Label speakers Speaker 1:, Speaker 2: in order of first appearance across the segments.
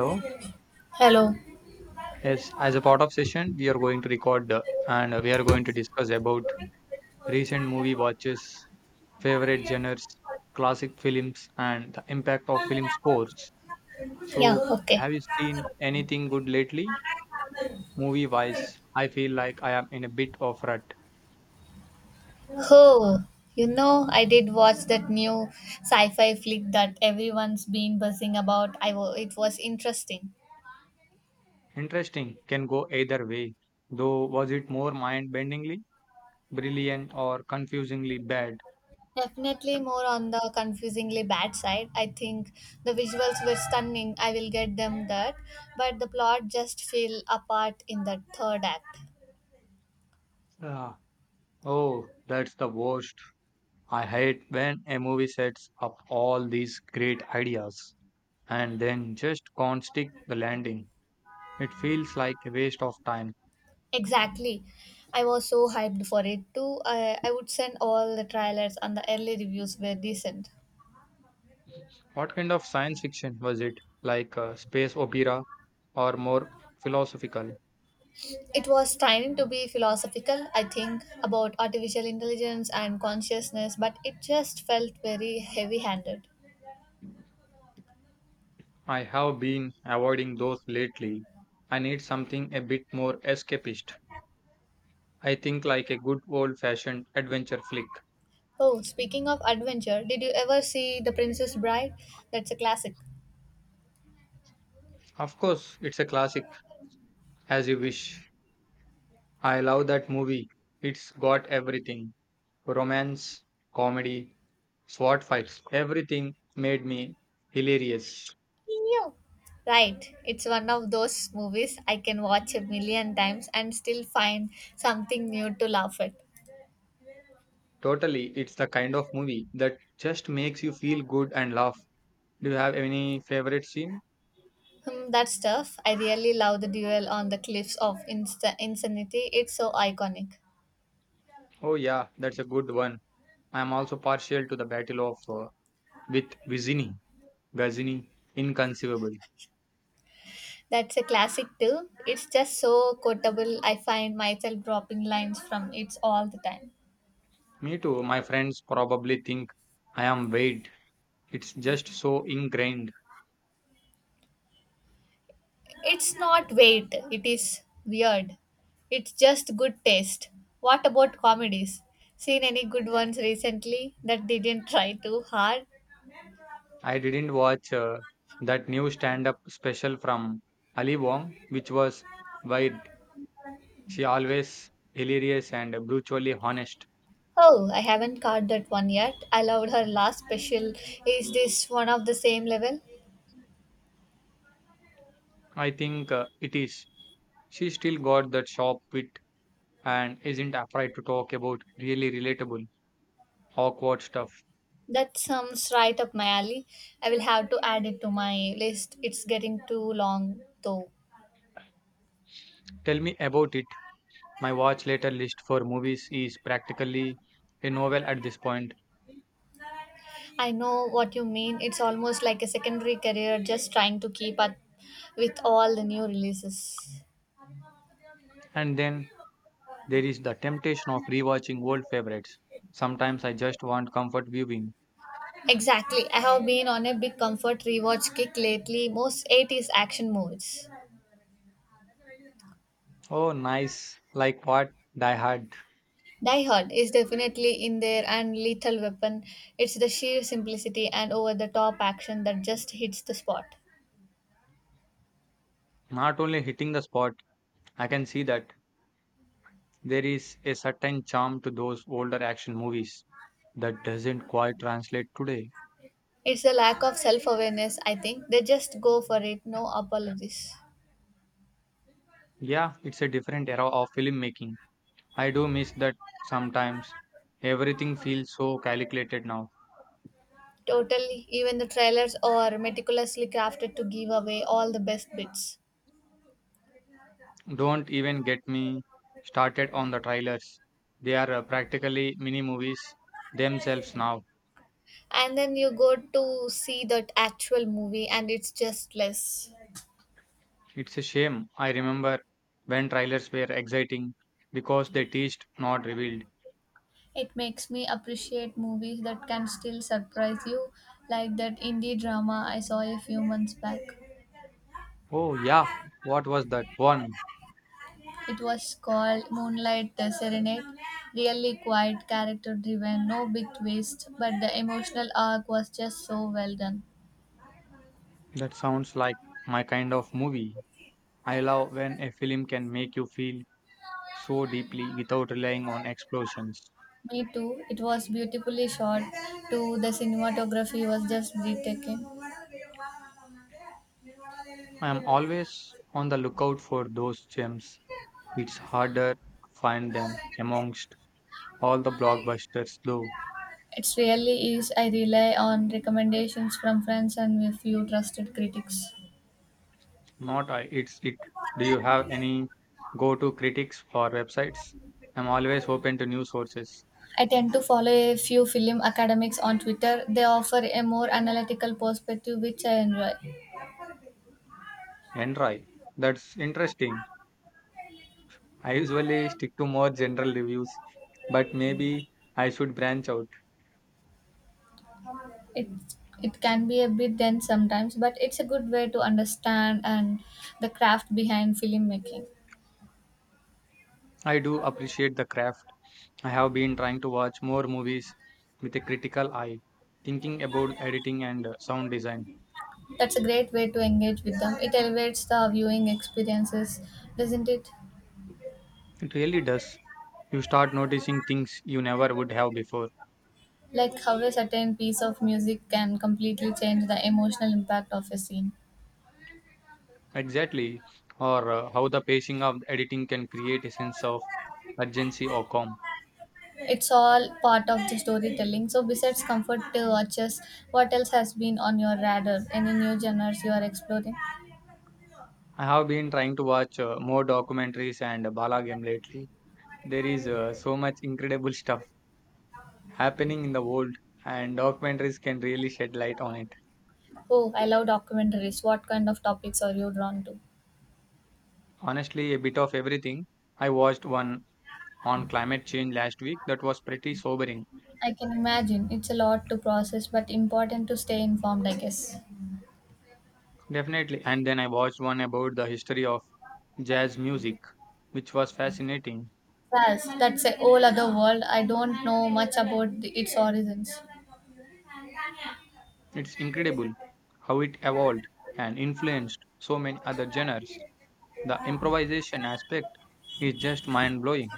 Speaker 1: So,
Speaker 2: Hello.
Speaker 1: yes, as a part of session, we are going to record and we are going to discuss about recent movie watches, favorite genres, classic films, and the impact of film scores.
Speaker 2: Yeah,
Speaker 1: So,
Speaker 2: okay.
Speaker 1: have you seen anything good lately, movie wise? I feel like I am in a bit of rut.
Speaker 2: Oh, I did watch that new sci fi flick that everyone's been buzzing about. I wa It was interesting.
Speaker 1: Interesting, can go either way. Though, was it more mind bendingly brilliant or confusingly bad?
Speaker 2: Definitely more on the confusingly bad side. I think the visuals were stunning. I will get them that, but the plot just fell apart in the third act.
Speaker 1: Ah, oh, that's the worst. I hate when a movie sets up all these great ideas and then just can't stick the landing. It feels like a waste of time.
Speaker 2: Exactly. I was so hyped for it too. I would send all the trailers and the early reviews were decent.
Speaker 1: What kind of science fiction was it? Like space opera or more philosophical?
Speaker 2: It was trying to be philosophical, I think, about artificial intelligence and consciousness, but it just felt very heavy handed.
Speaker 1: I have been avoiding those lately. I need something a bit more escapist. I think like a good old fashioned adventure flick.
Speaker 2: Oh, speaking of adventure, did you ever see The Princess Bride? That's a classic.
Speaker 1: Of course, it's a classic, as you wish. I love that movie. It's got everything: romance, comedy, sword fights, everything made me hilarious.
Speaker 2: Yeah. Right, it's one of those movies I can watch a million times and still find something new to laugh at.
Speaker 1: Totally, it's the kind of movie that just makes you feel good and laugh. Do you have any favorite scene?
Speaker 2: Hmm, that stuff, I really love the duel on the cliffs of insanity. It's so iconic.
Speaker 1: Oh, yeah, that's a good one. I'm also partial to the Battle of with Vizini, Gazini, inconceivable.
Speaker 2: That's a classic too. It's just so quotable. I find myself dropping lines from it all the time.
Speaker 1: Me too, my friends probably think I am weird. It's just so ingrained.
Speaker 2: It's not weight, it is weird. It's just good taste. What about comedies? Seen any good ones recently that didn't try too hard?
Speaker 1: I didn't watch that new stand up special from Ali Wong, which was wide. She always hilarious and brutally honest.
Speaker 2: Oh, I haven't caught that one yet. I loved her last special. Is this one of the same level?
Speaker 1: I think it is. She still got that sharp wit and isn't afraid to talk about really relatable, awkward stuff.
Speaker 2: That sounds right up my alley. I will have to add it to my list. It's getting too long though.
Speaker 1: Tell me about it. My watch later list for movies is practically a novel at this point.
Speaker 2: I know what you mean. It's almost like a secondary career just trying to keep up with all the new releases.
Speaker 1: And then there is the temptation of rewatching old favorites. Sometimes I just want comfort viewing.
Speaker 2: Exactly. I have been on a big comfort rewatch kick lately. Most 80s action movies.
Speaker 1: Oh, nice. Like what? Die Hard.
Speaker 2: Die Hard is definitely in there and Lethal Weapon. It's the sheer simplicity and over the top action that just hits the spot.
Speaker 1: Not only hitting the spot, I can see that there is a certain charm to those older action movies that doesn't quite translate today.
Speaker 2: It's the lack of self awareness, I think. They just go for it, no apologies.
Speaker 1: Yeah, it's a different era of filmmaking. I do miss that sometimes. Everything feels so calculated now.
Speaker 2: Totally. Even the trailers are meticulously crafted to give away all the best bits.
Speaker 1: Don't even get me started on the trailers. They are practically mini movies themselves now.
Speaker 2: And then you go to see that actual movie and it's just less.
Speaker 1: It's a shame. I remember when trailers were exciting because they teased, not revealed.
Speaker 2: It makes me appreciate movies that can still surprise you, like that indie drama I saw a few months back.
Speaker 1: Oh, yeah, what was that one?
Speaker 2: It was called Moonlight the Serenade. Really quiet, character driven, no big twist, but the emotional arc was just so well done.
Speaker 1: That sounds like my kind of movie. I love when a film can make you feel so deeply without relying on explosions.
Speaker 2: Me too. It was beautifully shot. Too, the cinematography was just breathtaking.
Speaker 1: I am always on the lookout for those gems. It's harder to find them amongst all the blockbusters, though.
Speaker 2: It really is. I rely on recommendations from friends and a few trusted critics.
Speaker 1: Not I, it's it. Do you have any go-to critics for websites? I'm always open to new sources.
Speaker 2: I tend to follow a few film academics on Twitter. They offer a more analytical perspective, which I enjoy.
Speaker 1: And try. That's interesting. I usually stick to more general reviews, but maybe I should branch out.
Speaker 2: it it can be a bit dense sometimes, but it's a good way to understand and the craft behind filmmaking.
Speaker 1: I do appreciate the craft. I have been trying to watch more movies with a critical eye, thinking about editing and sound design.
Speaker 2: That's a great way to engage with them. It elevates the viewing experiences, doesn't it?
Speaker 1: It really does. You start noticing things you never would have before.
Speaker 2: Like how a certain piece of music can completely change the emotional impact of a scene.
Speaker 1: Exactly. Or how the pacing of editing can create a sense of urgency or calm.
Speaker 2: It's all part of the storytelling. So, besides comfort watches, what else has been on your radar? Any new genres you are exploring?
Speaker 1: I have been trying to watch more documentaries and Bala game lately. There is so much incredible stuff happening in the world, and documentaries can really shed light on it.
Speaker 2: Oh, I love documentaries. What kind of topics are you drawn to?
Speaker 1: Honestly, a bit of everything. I watched one on climate change last week that was pretty sobering.
Speaker 2: I can imagine it's a lot to process, but important to stay informed, I guess.
Speaker 1: Definitely. And then I watched one about the history of jazz music, which was fascinating.
Speaker 2: Yes, that's a whole other world. I don't know much about the, its origins.
Speaker 1: It's incredible how it evolved and influenced so many other genres. The improvisation aspect is just mind blowing.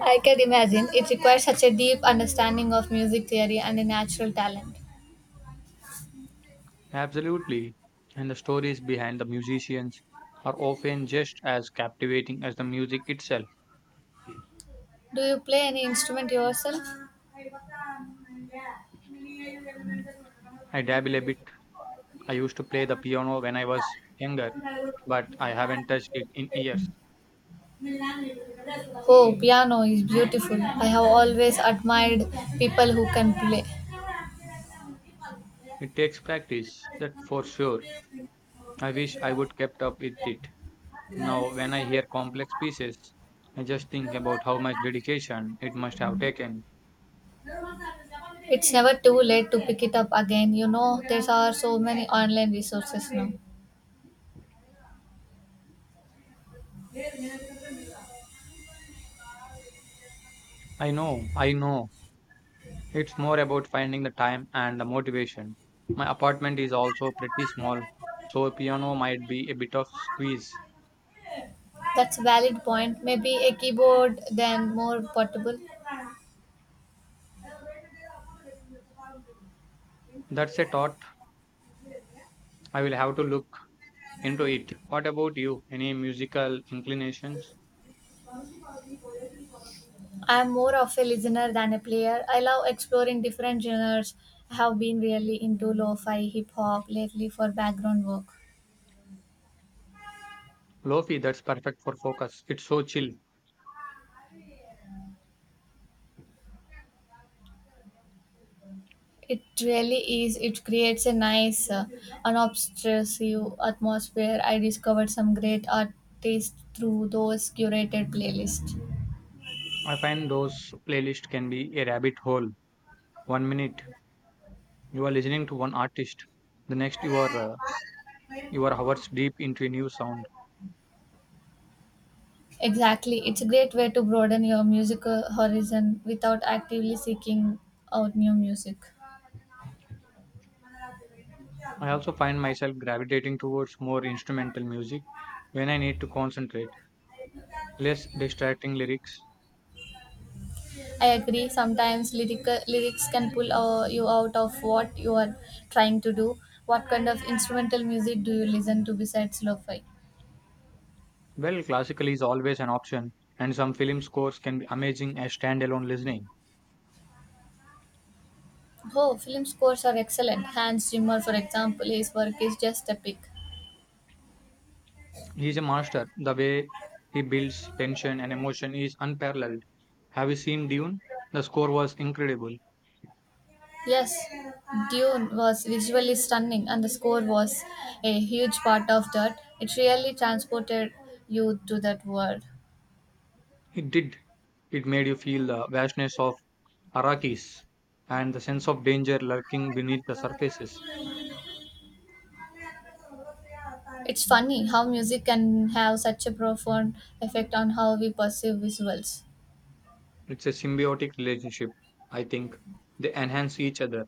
Speaker 2: I can imagine. It requires such a deep understanding of music theory and a natural talent.
Speaker 1: Absolutely. And the stories behind the musicians are often just as captivating as the music itself.
Speaker 2: Do you play any instrument yourself?
Speaker 1: I dabble a bit. I used to play the piano when I was younger, but I haven't touched it in years.
Speaker 2: Oh, piano is beautiful. I have always admired people who can play.
Speaker 1: It takes practice, that for sure. I wish I would kept up with it. Now, when I hear complex pieces, I just think about how much dedication it must have taken.
Speaker 2: It's never too late to pick it up again. You know, there are so many online resources now.
Speaker 1: I know. It's more about finding the time and the motivation. My apartment is also pretty small, so a piano might be a bit of squeeze.
Speaker 2: That's a valid point. Maybe a keyboard then, more portable.
Speaker 1: That's a thought. I will have to look into it. What about you? Any musical inclinations?
Speaker 2: I'm more of a listener than a player. I love exploring different genres. I have been really into lo-fi hip hop lately for background work.
Speaker 1: Lofi, that's perfect for focus. It's so chill.
Speaker 2: It really is. It creates a nice, unobtrusive atmosphere. I discovered some great artists through those curated playlists.
Speaker 1: I find those playlists can be a rabbit hole. One minute you are listening to one artist, the next you are you are hours deep into a new sound.
Speaker 2: Exactly. It's a great way to broaden your musical horizon without actively seeking out new music.
Speaker 1: I also find myself gravitating towards more instrumental music when I need to concentrate, less distracting lyrics.
Speaker 2: I agree. Sometimes lyrical, lyrics can pull you out of what you are trying to do. What kind of instrumental music do you listen to besides lo-fi?
Speaker 1: Well, classical is always an option, and some film scores can be amazing as standalone listening.
Speaker 2: Oh, film scores are excellent. Hans Zimmer, for example, his work is just epic.
Speaker 1: He is a master. The way he builds tension and emotion is unparalleled. Have you seen Dune? The score was incredible.
Speaker 2: Yes, Dune was visually stunning, and the score was a huge part of that. It really transported you to that world.
Speaker 1: It did. It made you feel the vastness of Arrakis and the sense of danger lurking beneath the surfaces.
Speaker 2: It's funny how music can have such a profound effect on how we perceive visuals.
Speaker 1: It's a symbiotic relationship, I think. They enhance each other.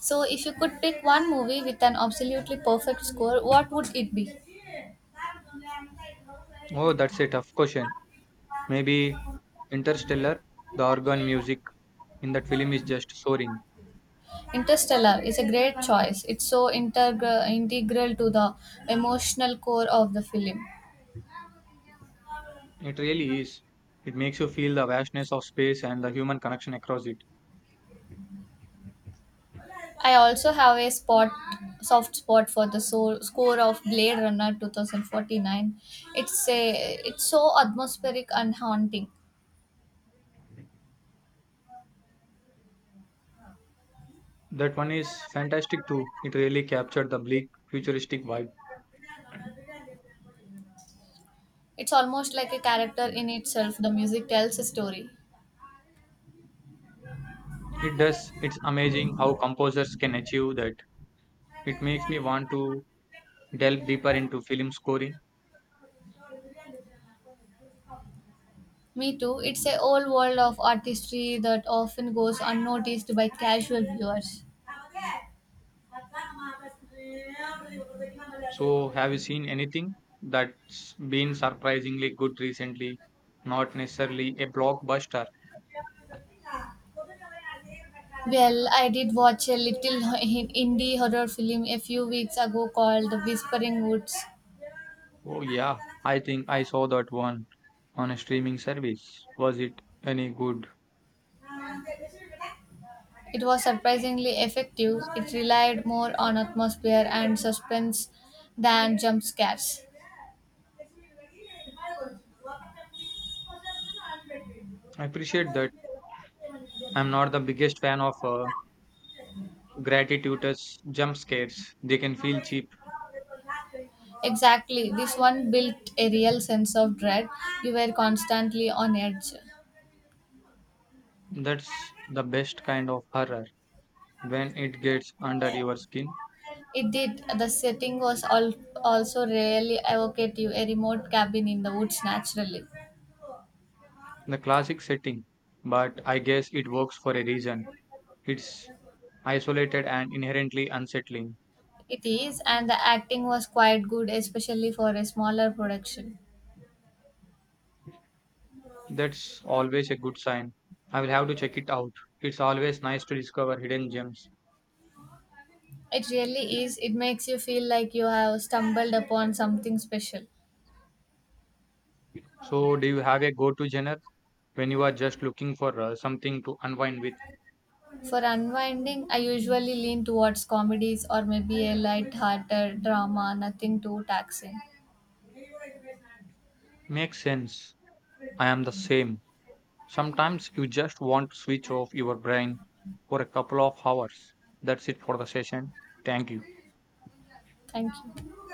Speaker 2: So, if you could pick one movie with an absolutely perfect score, what would it be?
Speaker 1: Oh, that's a tough question. Maybe Interstellar, the organ music in that film is just soaring.
Speaker 2: Interstellar is a great choice. It's so integral to the emotional core of the film.
Speaker 1: It really is. It makes you feel the vastness of space and the human connection across it.
Speaker 2: I also have a spot, soft spot for the soul, score of Blade Runner 2049. It's so atmospheric and haunting.
Speaker 1: That one is fantastic too. It really captured the bleak, futuristic vibe.
Speaker 2: It's almost like a character in itself. The music tells a story.
Speaker 1: It does. It's amazing how composers can achieve that. It makes me want to delve deeper into film scoring.
Speaker 2: Me too. It's a whole world of artistry that often goes unnoticed by casual viewers.
Speaker 1: So, have you seen anything that's been surprisingly good recently? Not necessarily a blockbuster.
Speaker 2: Well, I did watch a little indie horror film a few weeks ago called The Whispering Woods.
Speaker 1: Oh, yeah, I think I saw that one on a streaming service. Was it any good?
Speaker 2: It was surprisingly effective. It relied more on atmosphere and suspense than jump scares.
Speaker 1: I appreciate that. I'm not the biggest fan of gratuitous jump scares. They can feel cheap.
Speaker 2: Exactly. This one built a real sense of dread. You were constantly on edge.
Speaker 1: That's the best kind of horror when it gets under your skin.
Speaker 2: It did. The setting was also really evocative, a remote cabin in the woods naturally.
Speaker 1: The classic setting, but I guess it works for a reason. It's isolated and inherently unsettling.
Speaker 2: It is, and the acting was quite good, especially for a smaller production.
Speaker 1: That's always a good sign. I will have to check it out. It's always nice to discover hidden gems.
Speaker 2: It really is. It makes you feel like you have stumbled upon something special.
Speaker 1: So, do you have a go to genre when you are just looking for something to unwind with?
Speaker 2: For unwinding, I usually lean towards comedies or maybe a light-hearted drama, nothing too taxing.
Speaker 1: Makes sense. I am the same. Sometimes you just want to switch off your brain for a couple of hours. That's it for the session. Thank you.
Speaker 2: Thank you.